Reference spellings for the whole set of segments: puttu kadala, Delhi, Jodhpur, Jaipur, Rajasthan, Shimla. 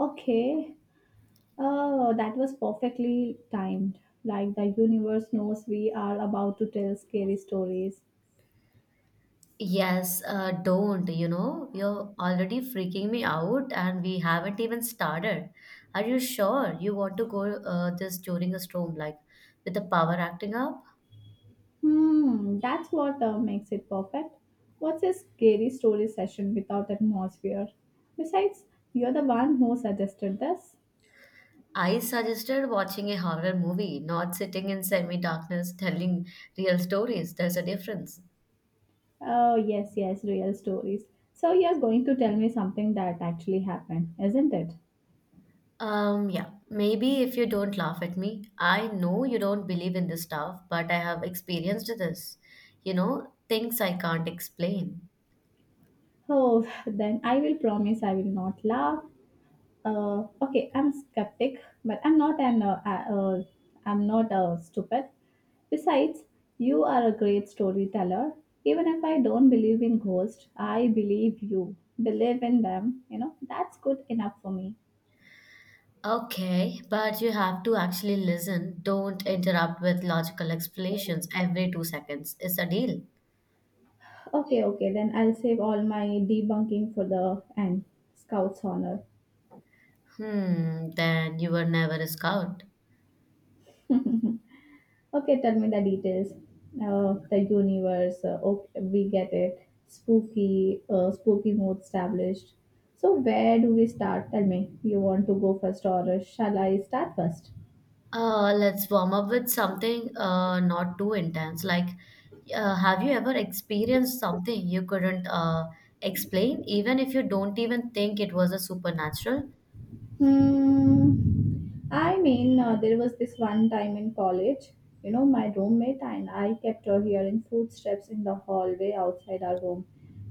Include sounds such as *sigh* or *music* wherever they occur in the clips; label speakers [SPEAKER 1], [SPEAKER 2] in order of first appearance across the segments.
[SPEAKER 1] Okay. Oh, that was perfectly timed. Like the universe knows we are about to tell scary stories.
[SPEAKER 2] Yes, don't, you know, you're already freaking me out and we haven't even started. Are you sure you want to go this during a storm, like with the power acting up?
[SPEAKER 1] Hmm, that's what makes it perfect. What's a scary story session without atmosphere? Besides, you're the one who suggested this.
[SPEAKER 2] I suggested watching a horror movie, not sitting in semi-darkness *laughs* telling real stories. There's a difference.
[SPEAKER 1] Oh, yes, yes, real stories. So you're going to tell me something that actually happened, isn't it?
[SPEAKER 2] Yeah, maybe if you don't laugh at me. I know you don't believe in this stuff, but I have experienced this, you know, things I can't explain.
[SPEAKER 1] Oh, *laughs* *sighs* then I will promise I will not laugh. Okay, I'm skeptic, but I'm not stupid. Besides, you are a great storyteller. Even if I don't believe in ghosts, I believe you believe in them. You know that's good enough for me.
[SPEAKER 2] Okay, but you have to actually listen. Don't interrupt with logical explanations every 2 seconds. It's a deal.
[SPEAKER 1] Okay, okay, then I'll save all my debunking for the end. Scout's honor.
[SPEAKER 2] Hmm, then you were never a scout.
[SPEAKER 1] *laughs* Okay, tell me the details. The universe. Okay, we get it. Spooky mode established. So where do we start? Tell me. You want to go first, or shall I start first?
[SPEAKER 2] Let's warm up with something not too intense. Have you ever experienced something you couldn't explain, even if you don't even think it was a supernatural?
[SPEAKER 1] Hmm. I mean, there was this one time in college, you know, my roommate and I kept her hearing footsteps in the hallway outside our room.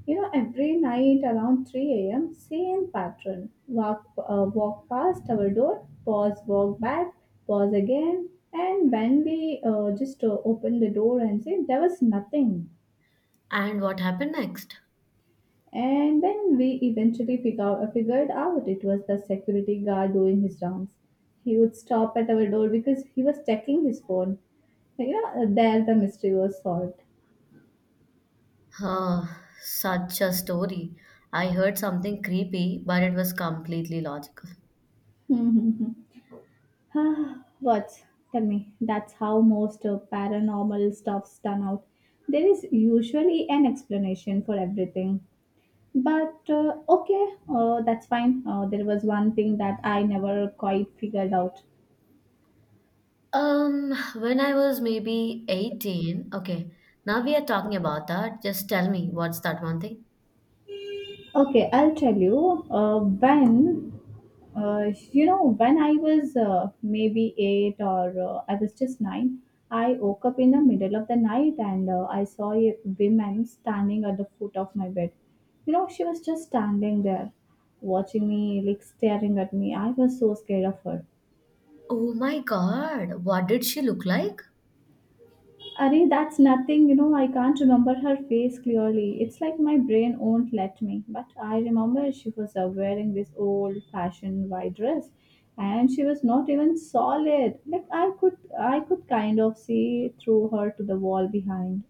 [SPEAKER 1] You know, every night around 3 a.m., same pattern. Walk past our door, pause, walk back, pause again. And when we just open the door and said, there was nothing.
[SPEAKER 2] And what happened next?
[SPEAKER 1] And then we eventually figured out it was the security guard doing his rounds. He would stop at our door because he was checking his phone. You know, there, the mystery was solved.
[SPEAKER 2] Uh, Such a story. I heard something creepy, but it was completely logical.
[SPEAKER 1] *laughs* Ah, what? Tell me, that's how most paranormal stuff's done out. There is usually an explanation for everything. But okay, that's fine. There was one thing that I never quite figured out.
[SPEAKER 2] When I was maybe 18, okay, now we are talking about that. Just tell me, what's that one thing?
[SPEAKER 1] Okay, I'll tell you. When You know, when I was maybe eight or I was just nine, I woke up in the middle of the night and I saw a woman standing at the foot of my bed. You know, she was just standing there, watching me, like staring at me. I was so scared of her.
[SPEAKER 2] Oh my God, what did she look like?
[SPEAKER 1] Arey, that's nothing. You know, I can't remember her face clearly. It's like my brain won't let me. But I remember she was wearing this old fashioned white dress, and she was not even solid. Like I could kind of see through her to the wall behind.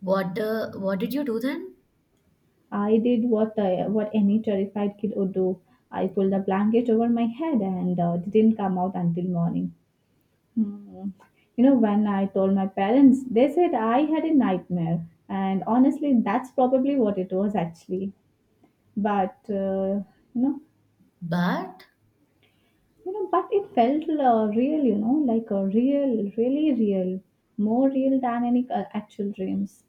[SPEAKER 2] What did you do then?
[SPEAKER 1] I did what any terrified kid would do. I pulled a blanket over my head and didn't come out until morning. Mm. You know, when I told my parents, they said I had a nightmare. And honestly, that's probably what it was actually. But, uh, you know,
[SPEAKER 2] Bad?
[SPEAKER 1] but it felt real, like a real, really real, more real than any actual dreams.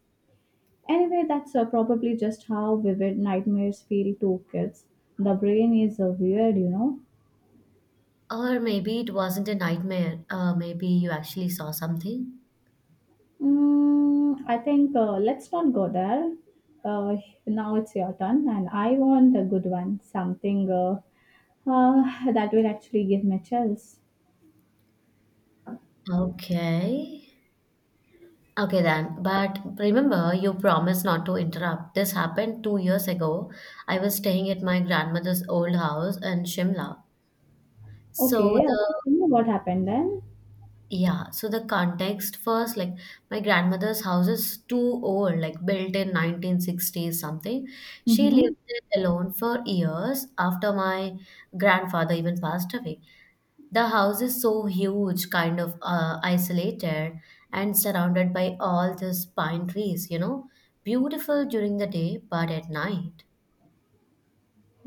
[SPEAKER 1] Anyway, that's probably just how vivid nightmares feel to kids. The brain is weird, you know.
[SPEAKER 2] Or maybe it wasn't a nightmare. Maybe you actually saw something.
[SPEAKER 1] I think let's not go there. Uh, Now it's your turn, and I want a good one, something that will actually give me chills.
[SPEAKER 2] Okay. Okay then. But remember, you promised not to interrupt. This happened 2 years ago. I was staying at my grandmother's old house in Shimla. So
[SPEAKER 1] Okay, okay.
[SPEAKER 2] the
[SPEAKER 1] Tell me what happened then.
[SPEAKER 2] Yeah, so the context first, like my grandmother's house is too old, like built in 1960s something. She
[SPEAKER 1] Mm-hmm.
[SPEAKER 2] lived there alone for years after my grandfather even passed away. The house is so huge, kind of isolated and surrounded by all these pine trees, you know, beautiful during the day, but at night.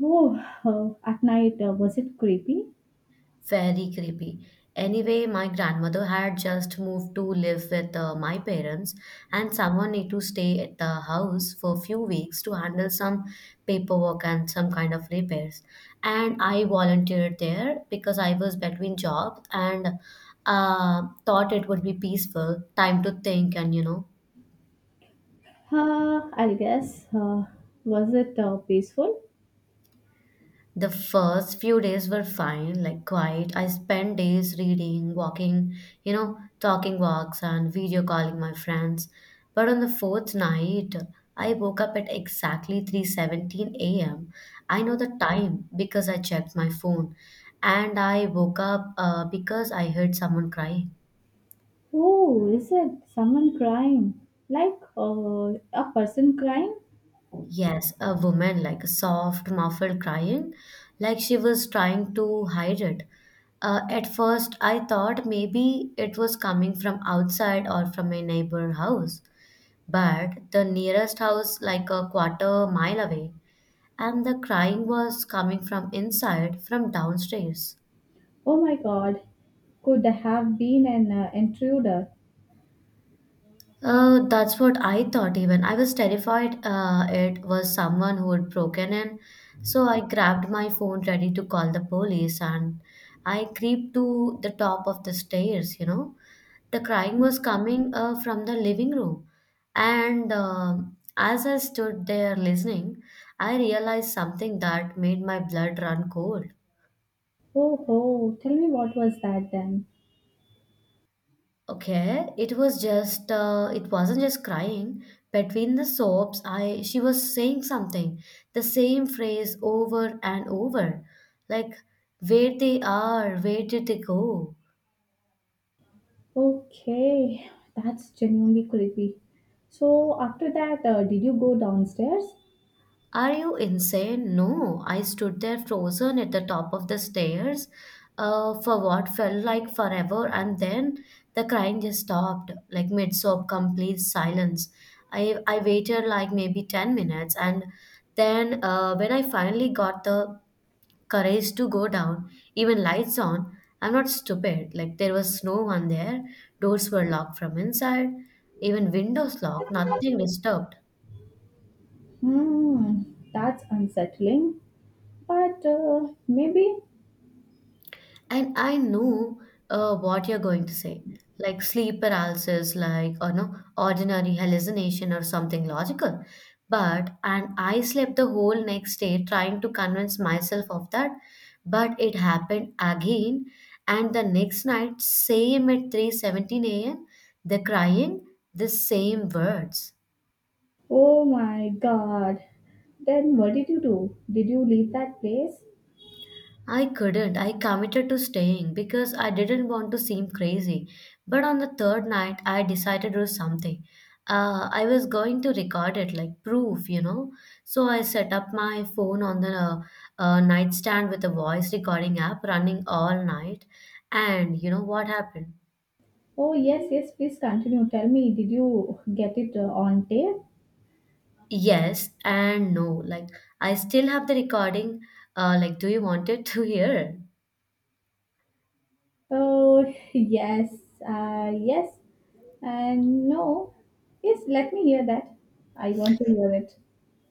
[SPEAKER 1] Oh, at night was it creepy?
[SPEAKER 2] Very creepy. Anyway, my grandmother had just moved to live with my parents, and someone need to stay at the house for a few weeks to handle some paperwork and some kind of repairs. And I volunteered there because I was between jobs and thought it would be peaceful, time to think, and you know.
[SPEAKER 1] I'll guess. Was it peaceful?
[SPEAKER 2] The first few days were fine, like quiet. I spent days reading, walking, you know, talking walks and video calling my friends. But on the fourth night, I woke up at exactly 3:17 a.m. I know the time because I checked my phone. And I woke up because I heard someone cry.
[SPEAKER 1] Oh, is it someone crying? Like a person crying?
[SPEAKER 2] Yes, a woman, like a soft, muffled crying, like she was trying to hide it. At first, I thought maybe it was coming from outside or from a neighbor house, but the nearest house, like a quarter mile away, and the crying was coming from inside, from downstairs.
[SPEAKER 1] Oh my God, could have been an intruder.
[SPEAKER 2] That's what I thought even. I was terrified it was someone who had broken in. So I grabbed my phone ready to call the police, and I creeped to the top of the stairs, you know. The crying was coming from the living room. And as I stood there listening, I realized something that made my blood run cold.
[SPEAKER 1] Oh, oh, tell me, what was that then?
[SPEAKER 2] Okay, it wasn't just crying. Between the sobs, I she was saying something, the same phrase over and over, like where they are, where did they go?
[SPEAKER 1] Okay, that's genuinely creepy. So, after that, did you go downstairs?
[SPEAKER 2] Are you insane? No, I stood there frozen at the top of the stairs for what felt like forever, and then the crying just stopped, like mid sob, complete silence. I waited like maybe 10 minutes, and then when I finally got the courage to go down, even lights on, I'm not stupid. Like there was no one there, doors were locked from inside, even windows locked, nothing disturbed.
[SPEAKER 1] Hmm, that's unsettling. But maybe.
[SPEAKER 2] And I know what you're going to say, like sleep paralysis, like or no ordinary hallucination or something logical. But and I slept the whole next day trying to convince myself of that, but it happened again. And the next night, same at 3:17 a.m., the crying, the same words.
[SPEAKER 1] Oh my God. Then what did you do? Did you leave that place?
[SPEAKER 2] I couldn't. I committed to staying because I didn't want to seem crazy. But on the third night, I decided to do something. I was going to record it, like proof, you know. So I set up my phone on the nightstand with a voice recording app running all night. And you know what happened?
[SPEAKER 1] Oh, yes, yes, please continue. Tell me, did you get it on tape?
[SPEAKER 2] Yes and no. Like, I still have the recording. Like, do you want it *laughs* to hear?
[SPEAKER 1] Oh, *laughs* yes, yes, and no. Yes, let me hear that. I want to hear it.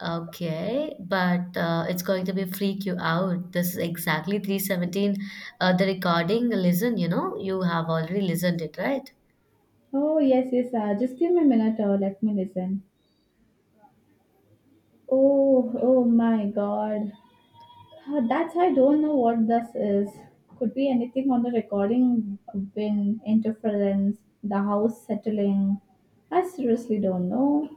[SPEAKER 2] Okay, but it's going to be freak you out. This is exactly 317. The recording, listen, you know, you have already listened it, right?
[SPEAKER 1] Oh, yes, yes, just give me a minute or let me listen. Oh, oh my God. That's, I don't know what this is. Could be anything on the recording: wind, interference, the house settling. I seriously don't know.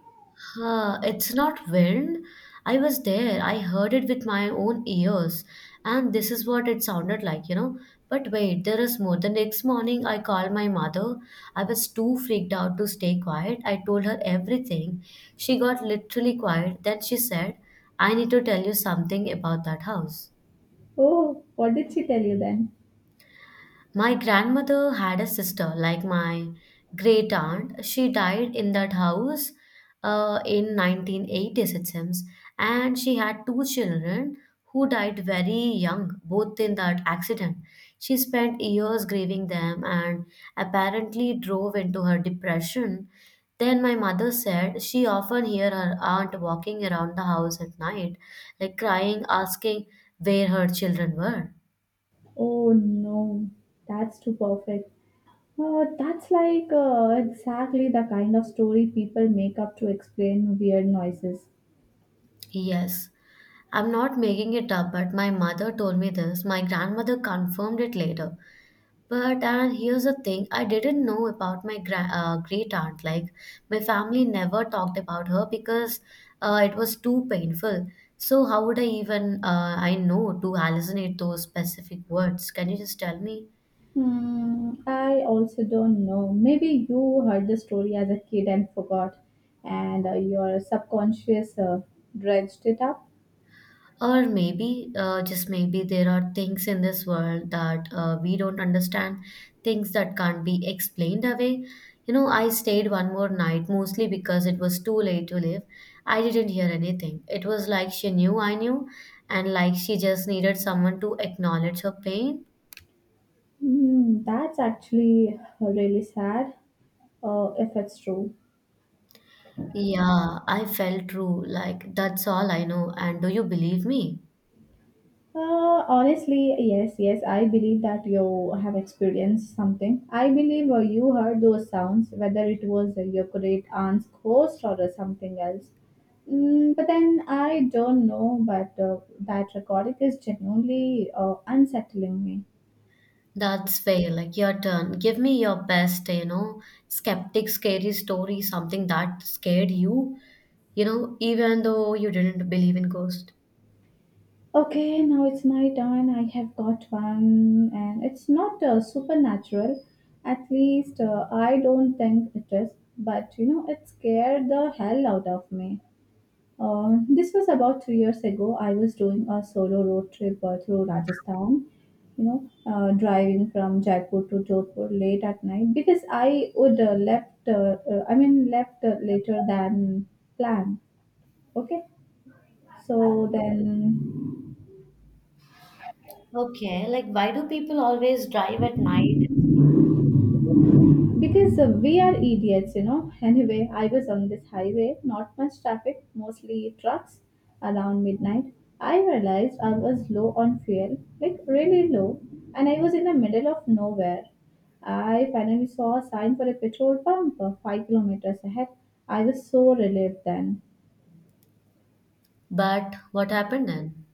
[SPEAKER 2] Huh, it's not wind. I was there. I heard it with my own ears. And this is what it sounded like, you know. But wait, there is more. The next morning, I called my mother. I was too freaked out to stay quiet. I told her everything. She got literally quiet. Then she said, I need to tell you something about that house.
[SPEAKER 1] Oh, what did she tell you then?
[SPEAKER 2] My grandmother had a sister, like my great aunt. She died in that house in 1980s, it seems. And she had two children who died very young, both in that accident. She spent years grieving them and apparently drove into her depression. Then my mother said she often hear her aunt walking around the house at night, like crying, asking where her children were.
[SPEAKER 1] Oh no, that's too perfect. That's like exactly the kind of story people make up to explain weird noises.
[SPEAKER 2] Yes. I'm not making it up, but my mother told me this. My grandmother confirmed it later. But and here's the thing, I didn't know about my great aunt. Like my family never talked about her because it was too painful. So how would I even I know to hallucinate those specific words? Can you just tell me?
[SPEAKER 1] Hmm, I also don't know. Maybe you heard the story as a kid and forgot, and your subconscious dredged it up.
[SPEAKER 2] Or maybe, just maybe, there are things in this world that we don't understand, things that can't be explained away. You know, I stayed one more night mostly because it was too late to leave. I didn't hear anything. It was like she knew I knew, and like she just needed someone to acknowledge her pain.
[SPEAKER 1] Hmm, that's actually really sad, if it's true.
[SPEAKER 2] Yeah, I felt true. Like, that's all I know. And do you believe me?
[SPEAKER 1] Honestly, yes, yes. I believe that you have experienced something. I believe you heard those sounds, whether it was your great aunt's ghost or something else. But then I don't know, but that recording is genuinely unsettling me.
[SPEAKER 2] That's fair. Like your turn. Give me your best, you know, skeptic, scary story, something that scared you, you know, even though you didn't believe in ghosts.
[SPEAKER 1] Okay, now it's my turn. I have got one, and it's not supernatural. At least I don't think it is. But you know, it scared the hell out of me. This was about 3 years ago. I was doing a solo road trip through Rajasthan, you know, driving from Jaipur to Jodhpur late at night because I would I mean, left later than planned. Okay. So then.
[SPEAKER 2] Okay, like why do people always drive at night?
[SPEAKER 1] Because we are idiots, you know. Anyway, I was on this highway, not much traffic, mostly trucks around midnight. I realized I was low on fuel, like really low, and I was in the middle of nowhere. I finally saw a sign for a petrol pump 5 kilometers ahead. I was so relieved then.
[SPEAKER 2] But what happened then?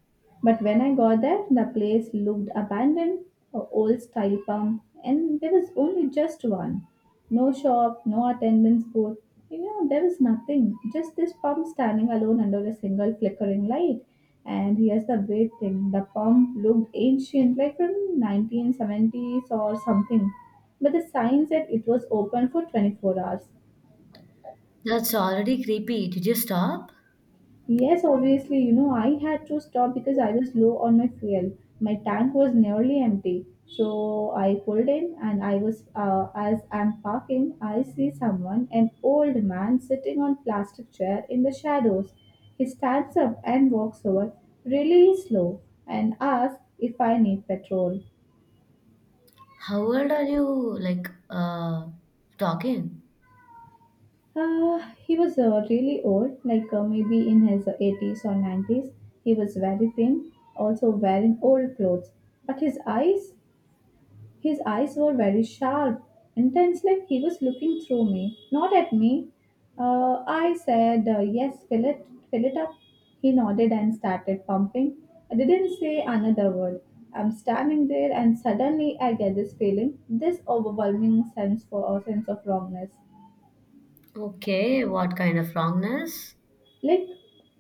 [SPEAKER 1] But when I got there, the place looked abandoned, a old style pump, and there was only just one. No shop, no attendance booth. You know, there was nothing. Just this pump standing alone under a single flickering light. And here's the weird thing, the pump looked ancient, like from 1970s or something. But the sign said it was open for 24 hours.
[SPEAKER 2] That's already creepy. Did you stop?
[SPEAKER 1] Yes, obviously, you know, I had to stop because I was low on my fuel. My tank was nearly empty. So I pulled in, and as I'm parking, I see someone, an old man sitting on plastic chair in the shadows. He stands up and walks over really slow and asks if I need petrol.
[SPEAKER 2] How old are you, like, talking?
[SPEAKER 1] He was really old, like maybe in his 80s or 90s. He was very thin, also wearing old clothes, but his eyes were very sharp, intense, like he was looking through me, not at me. I said, yes, fill it up. He nodded and started pumping. I didn't say another word. I'm standing there, and suddenly I get this feeling, this overwhelming sense for a sense of wrongness,
[SPEAKER 2] Okay, what kind of wrongness?
[SPEAKER 1] like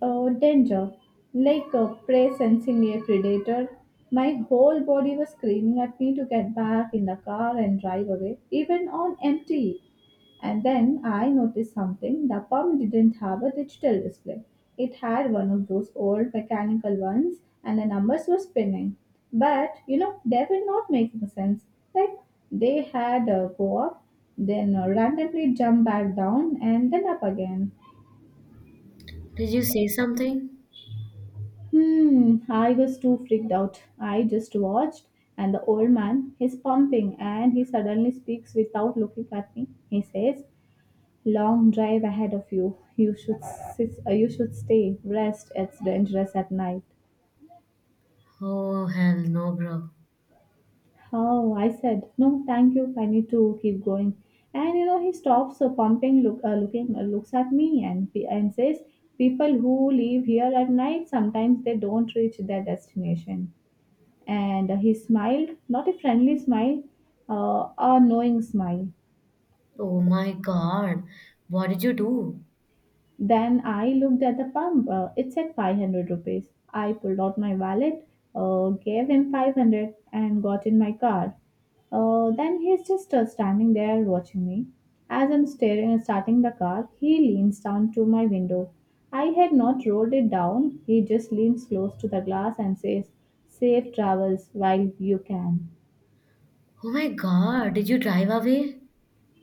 [SPEAKER 1] danger, like a prey sensing a predator. My whole body was screaming at me to get back in the car and drive away, even on empty. And then I noticed something. The pump didn't have a digital display. It had one of those old mechanical ones, and the numbers were spinning. But you know, they were not making sense. Like they had go up, then randomly jump back down, and then up again.
[SPEAKER 2] Did you say something?
[SPEAKER 1] Hmm, I was too freaked out. I just watched, and the old man, he's pumping, and he suddenly speaks without looking at me. He says, "Long drive ahead of you. You should stay. Rest. It's dangerous at night."
[SPEAKER 2] Oh, hell no, bro.
[SPEAKER 1] Oh, I said, "No, thank you. I need to keep going." And you know, he stops pumping, looks at me, and and says, "People who leave here at night sometimes they don't reach their destination." And he smiled, not a friendly smile, a knowing smile.
[SPEAKER 2] Oh my God. What did you do?
[SPEAKER 1] Then I looked at the pump. It said 500 rupees. I pulled out my wallet, gave him 500, and got in my car. Then he's just standing there watching me. As I'm staring and starting the car, he leans down to my window. I had not rolled it down. He just leans close to the glass and says, "Safe travels while you can."
[SPEAKER 2] Oh my God. Did you drive away?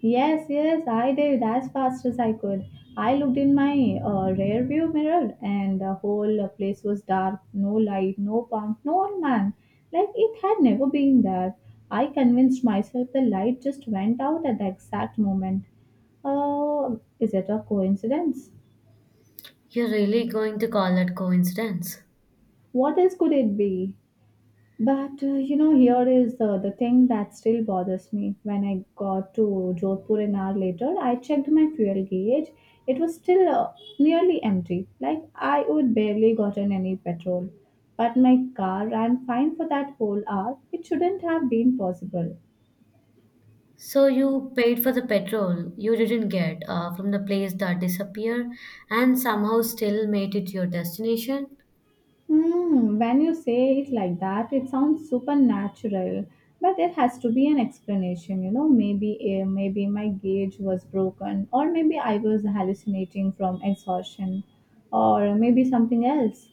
[SPEAKER 1] Yes, yes, I did, as fast as I could. I looked in my rear view mirror, and the whole place was dark, no light, no pump, no old man. Like it had never been there. I convinced myself the light just went out at the exact moment. Is it a coincidence?
[SPEAKER 2] You're really going to call that coincidence.
[SPEAKER 1] What else could it be? But you know, here is the thing that still bothers me. When I got to Jodhpur an hour later, I checked my fuel gauge. It was still nearly empty. Like I would barely gotten any petrol. But my car ran fine for that whole hour. It shouldn't have been possible.
[SPEAKER 2] So you paid for the petrol you didn't get from the place that disappeared and somehow still made it to your destination?
[SPEAKER 1] Hmm, when you say it like that, it sounds supernatural. But there has to be an explanation, you know. Maybe my gauge was broken, or maybe I was hallucinating from exhaustion, or maybe something else.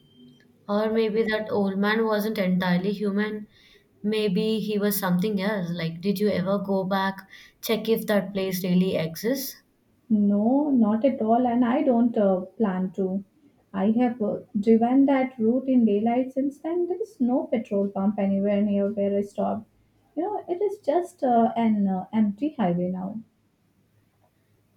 [SPEAKER 2] Or maybe that old man wasn't entirely human. Maybe he was something else. Like, did you ever go back, check if that place really exists?
[SPEAKER 1] No, not at all, and I don't plan to. I have driven that route in daylight since then. There is no petrol pump anywhere near where I stopped. You know, it is just an empty highway now.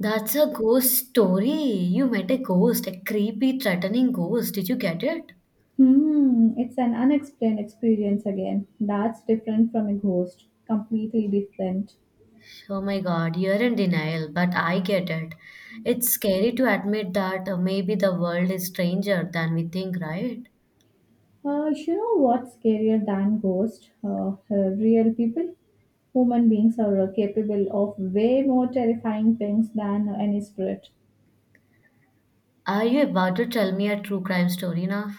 [SPEAKER 2] That's a ghost story. You met a ghost, a creepy, threatening ghost. Did you get it?
[SPEAKER 1] Hmm, it's an unexplained experience again. That's different from a ghost. Completely different.
[SPEAKER 2] Oh my God, you're in denial, but I get it. It's scary to admit that maybe the world is stranger than we think, right?
[SPEAKER 1] You know what's scarier than ghosts? Real people? Human beings are capable of way more terrifying things than any spirit.
[SPEAKER 2] Are you about to tell me a true crime story now?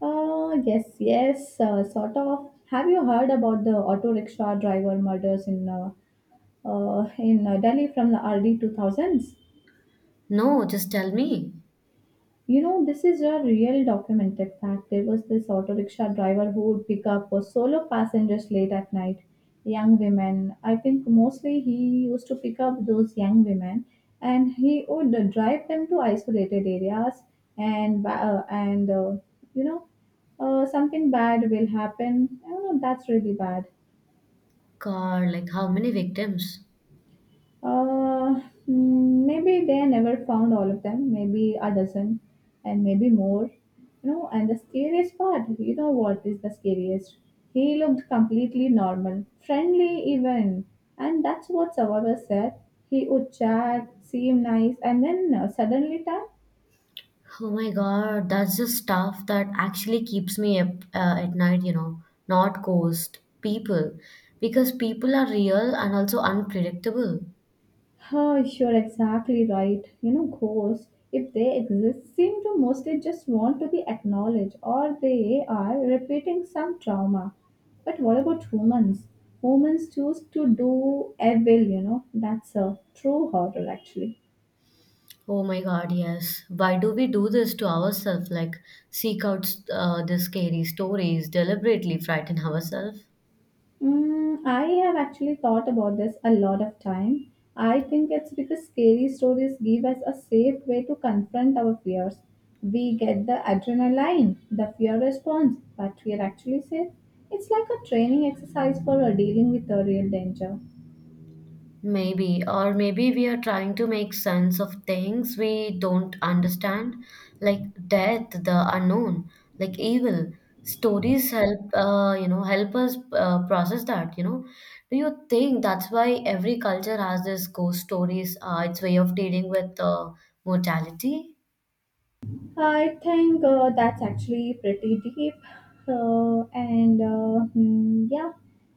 [SPEAKER 1] Yes, yes, sort of. Have you heard about the auto rickshaw driver murders in Delhi from the early 2000s?
[SPEAKER 2] No, just tell me.
[SPEAKER 1] You know, this is a real documented fact. There was this auto rickshaw driver who would pick up solo passengers late at night, young women. I think mostly he used to pick up those young women, and he would drive them to isolated areas, and you know, something bad will happen. I don't know. That's really bad.
[SPEAKER 2] God, like how many victims?
[SPEAKER 1] Uh, Maybe they never found all of them, maybe a dozen, and maybe more. You know, and the scariest part, you know what is the scariest? He looked completely normal, friendly even, and that's what survivors said. He would chat, seem nice, and then suddenly turn.
[SPEAKER 2] Oh my God, that's the stuff that actually keeps me up at night, you know, not ghost, people. Because people are real and also unpredictable.
[SPEAKER 1] Oh, you're exactly right. You know, ghosts, if they exist, seem to mostly just want to be acknowledged or they are repeating some trauma. But what about humans? Humans choose to do evil, you know. That's a true horror, actually.
[SPEAKER 2] Oh my God, yes. Why do we do this to ourselves? Like, seek out the scary stories, deliberately frighten ourselves?
[SPEAKER 1] Mm, I have actually thought about this a lot of time. I think it's because scary stories give us a safe way to confront our fears. We get the adrenaline, the fear response, but we are actually safe. It's like a training exercise for dealing with the real danger.
[SPEAKER 2] Maybe, or maybe we are trying to make sense of things we don't understand, like death, the unknown, like evil. Stories help, you know, help us process that. You know, do you think that's why every culture has this ghost stories? Its way of dealing with mortality.
[SPEAKER 1] I think that's actually pretty deep. Yeah,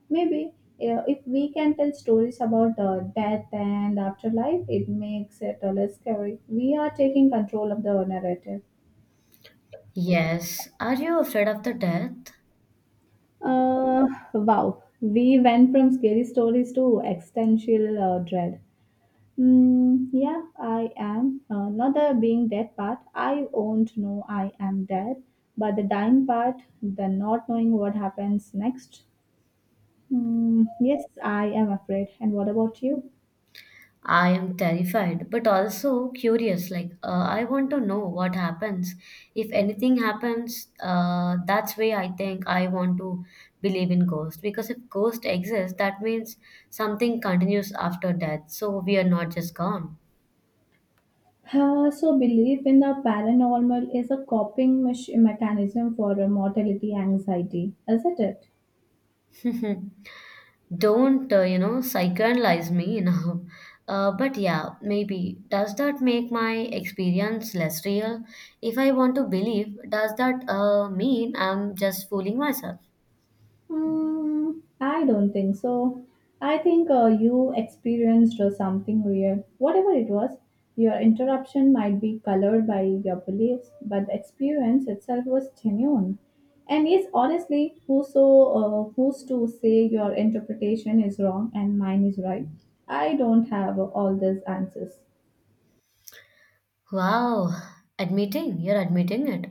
[SPEAKER 1] maybe if we can tell stories about death and afterlife, it makes it less scary. We are taking control of the narrative.
[SPEAKER 2] Yes. Are you afraid of the death?
[SPEAKER 1] Uh, wow, we went from scary stories to existential dread. Mm, yeah, I am. Not the being dead part. I won't know I am dead. But the dying part, the not knowing what happens next. Mm, yes, I am afraid. And what about you?
[SPEAKER 2] I am terrified, but also curious. I want to know what happens. If anything happens, that's why I think I want to believe in ghosts. Because if ghost exists, that means something continues after death. So we are not just gone.
[SPEAKER 1] So, belief in the paranormal is a coping mechanism for mortality anxiety, isn't it?
[SPEAKER 2] *laughs* Don't you know, psychoanalyze me *laughs* you know? But yeah, maybe. Does that make my experience less real? If I want to believe, does that mean I'm just fooling myself?
[SPEAKER 1] Mm, I don't think so. I think you experienced something real. Whatever it was, your interruption might be colored by your beliefs, but the experience itself was genuine. And yes, honestly, who's to say your interpretation is wrong and mine is right? I don't have all these answers.
[SPEAKER 2] Wow, admitting, you're admitting it.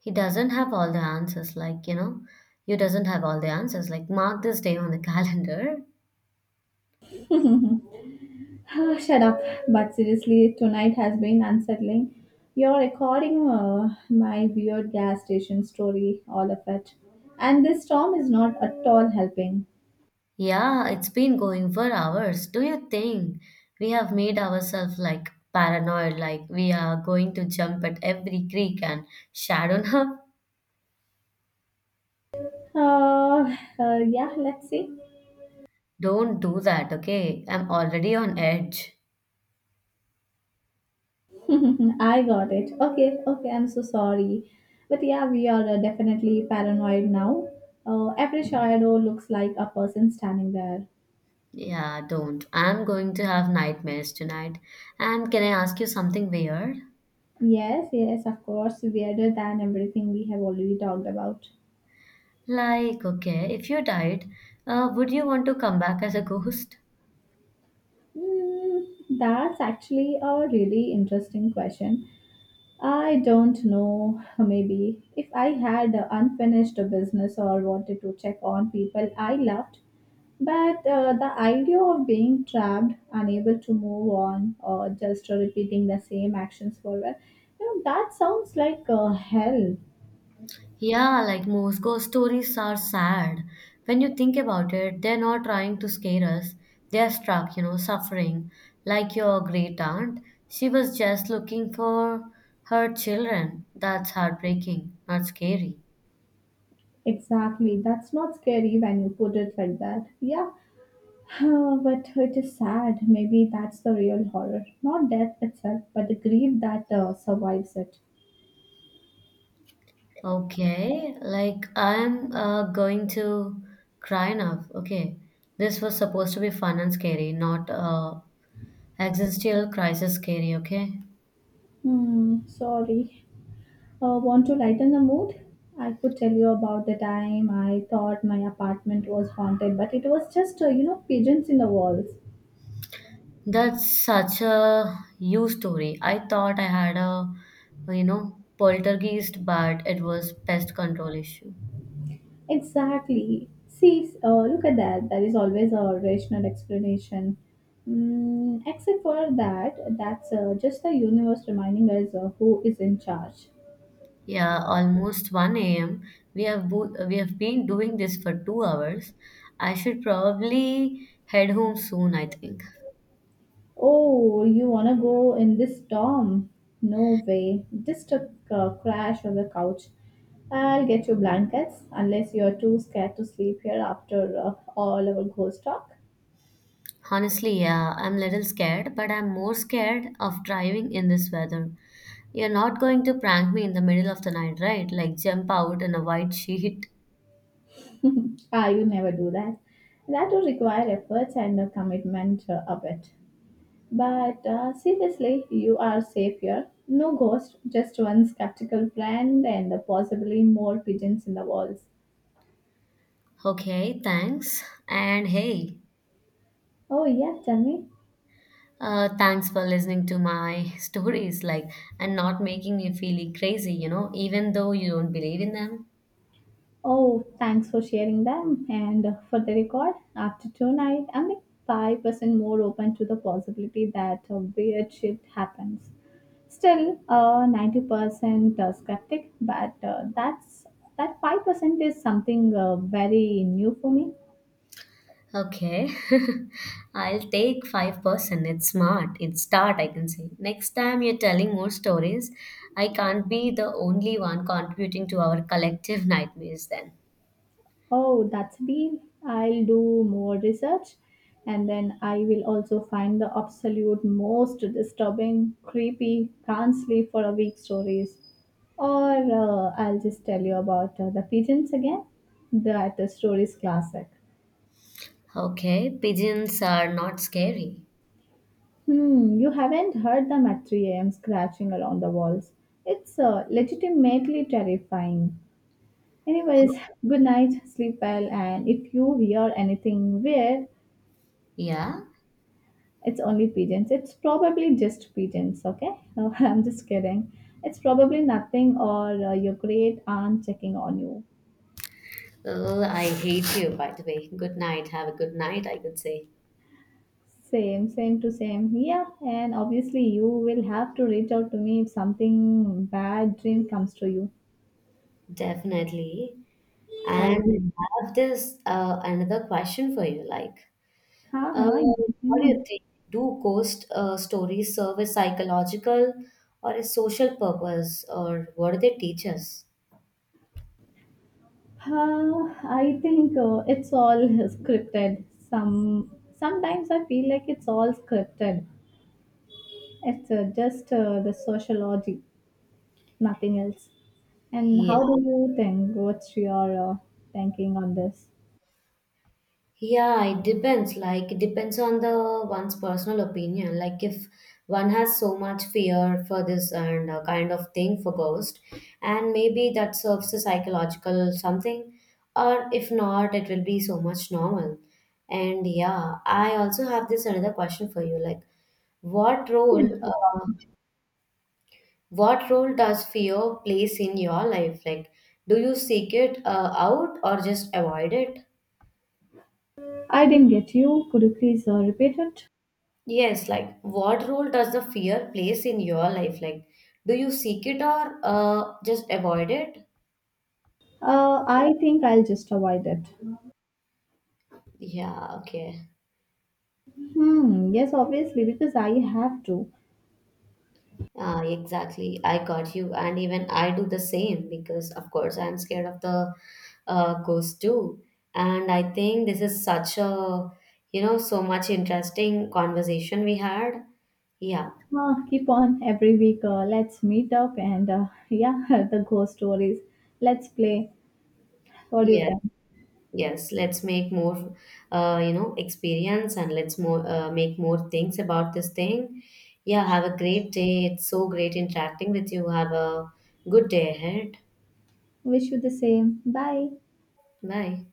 [SPEAKER 2] He doesn't have all the answers, like, you know, you doesn't have all the answers. Like, mark this day on the *laughs* calendar.
[SPEAKER 1] *laughs* Ah, shut up. But seriously, tonight has been unsettling. You're recording my weird gas station story, all of it. And this storm is not at all helping.
[SPEAKER 2] Yeah, it's been going for hours. Do you think we have made ourselves like paranoid, like we are going to jump at every creek and shadow up?
[SPEAKER 1] Yeah, let's see.
[SPEAKER 2] *laughs* Don't do that, okay? I'm already on edge.
[SPEAKER 1] *laughs* I got it. Okay, okay, I'm so sorry. But yeah, we are definitely paranoid now. Every shadow looks like a person standing there.
[SPEAKER 2] Yeah, don't. I'm going to have nightmares tonight. And can I ask you something weird?
[SPEAKER 1] Yes, yes, of course, weirder than everything we have already talked about.
[SPEAKER 2] Like, okay, if you died, would you want to come back as a ghost?
[SPEAKER 1] Mm, that's actually a really interesting question. I don't know, maybe if I had a unfinished business or wanted to check on people I loved, but the idea of being trapped, unable to move on, or just repeating the same actions forever, you know, that sounds like hell.
[SPEAKER 2] Yeah, like most ghost stories are sad. When you think about it, they're not trying to scare us. They're stuck, you know, suffering. Like your great aunt, she was just looking for her children. That's heartbreaking, not scary.
[SPEAKER 1] Exactly, that's not scary when you put it like that. Yeah. But it is sad. Maybe that's the real horror. Not death itself, but the grief that survives it.
[SPEAKER 2] Okay, like I'm going to cry now. Okay, this was supposed to be fun and scary, not existential crisis scary, okay?
[SPEAKER 1] Hmm, sorry. Want to lighten the mood? I could tell you about the time I thought my apartment was haunted, but it was just, pigeons in the walls.
[SPEAKER 2] That's such a you story. I thought I had a, you know, poltergeist, but it was pest control issue.
[SPEAKER 1] Exactly. See, look at that. There is always a rational explanation. Mm, except for that, that's just the universe reminding us who is in charge.
[SPEAKER 2] Yeah, almost 1 a.m. We have been doing this for 2 hours. I should probably head home soon, I think.
[SPEAKER 1] Oh, you wanna go in this storm? No way. Just a crash on the couch. I'll get you blankets, unless you're too scared to sleep here after all our ghost talk.
[SPEAKER 2] Honestly, yeah, I'm a little scared, but I'm more scared of driving in this weather. You're not going to prank me in the middle of the night, right? Like jump out in a white *laughs* sheet.
[SPEAKER 1] Ah, you never do that. That would require efforts and a commitment a bit. But seriously, you are safe here. No ghost, just one skeptical friend and possibly more pigeons in the walls.
[SPEAKER 2] Okay, thanks. And hey,
[SPEAKER 1] Oh, yeah, tell me.
[SPEAKER 2] thanks for listening to my *laughs* stories, like, and not making me feeling crazy, you know, even though you don't believe in them.
[SPEAKER 1] Oh, thanks for sharing them. And for the record, after tonight, I'm like 5% more open to the possibility that a weird shift happens. Still, 90% skeptic, but that 5% is something very new for me.
[SPEAKER 2] Okay, *laughs* I'll take 5%. It's smart. It's start, I can say. Next time you're telling more stories, I can't be the only one contributing to our collective nightmares then.
[SPEAKER 1] Oh, that's a deal. I'll do more research and then I will also find the absolute most disturbing, creepy, can't sleep for a week stories. Or I'll just tell you about the pigeons again. That story is classic.
[SPEAKER 2] Okay, pigeons are not scary.
[SPEAKER 1] Hmm, you haven't heard them at 3 a.m. scratching around the walls. It's legitimately terrifying. Anyways, *laughs* good night, sleep well, and if you hear anything weird,
[SPEAKER 2] Yeah?
[SPEAKER 1] it's only pigeons. It's probably just pigeons, okay? *laughs* I'm just kidding. It's probably nothing or your great aunt checking on you.
[SPEAKER 2] Oh, I hate you, by the way. Good night. Have a good night, I could say.
[SPEAKER 1] Same, same to same. Yeah, and obviously you will have to reach out to me if something bad dream comes to you.
[SPEAKER 2] Definitely.
[SPEAKER 1] I'll be,
[SPEAKER 2] And I have this another question for you. Like,
[SPEAKER 1] huh,
[SPEAKER 2] uh,
[SPEAKER 1] huh,
[SPEAKER 2] what do you
[SPEAKER 1] mhm.
[SPEAKER 2] think? Do ghost stories serve a psychological or a social purpose, or what do they teach us?
[SPEAKER 1] Huh, I think it's all *laughs* scripted. Sometimes I feel like it's all scripted. It's just the sociology. Nothing else. And
[SPEAKER 2] Yeah.
[SPEAKER 1] how do you think? What's your thinking on this?
[SPEAKER 2] Yeah, it depends. Like, it depends on the one's personal opinion. Like, if one has so much fear for this and a kind of thing for ghost, and maybe that serves a psychological something, or if not, it will be so much normal. And yeah, I also have this another question for you. Like, what
[SPEAKER 1] Yes,
[SPEAKER 2] role, uh,
[SPEAKER 1] go on.
[SPEAKER 2] what role does fear plays in your life? Like, do you seek it out or just avoid it?
[SPEAKER 1] I didn't get you. Could you please repeat it?
[SPEAKER 2] Yes, like what role does the fear plays in your life? Like, do you seek it or just avoid it?
[SPEAKER 1] I think I'll just avoid it.
[SPEAKER 2] Yeah, okay.
[SPEAKER 1] Hmm. Yes, obviously, because I have to.
[SPEAKER 2] Ah, exactly. I got you. And even I do the same because, of course, I'm scared of the ghost too. And I think this is such a, you know, so much interesting conversation we had. Yeah.
[SPEAKER 1] Keep on every week. Let's meet up and *laughs* yeah, the ghost stories. Let's play. What do you
[SPEAKER 2] Yes.
[SPEAKER 1] think?
[SPEAKER 2] Yes, let's make more, you know, experience and let's more make more things about this thing. Yeah, have a great day. It's so great interacting with you. Have a good day ahead.
[SPEAKER 1] Wish you the same. Bye.
[SPEAKER 2] Bye.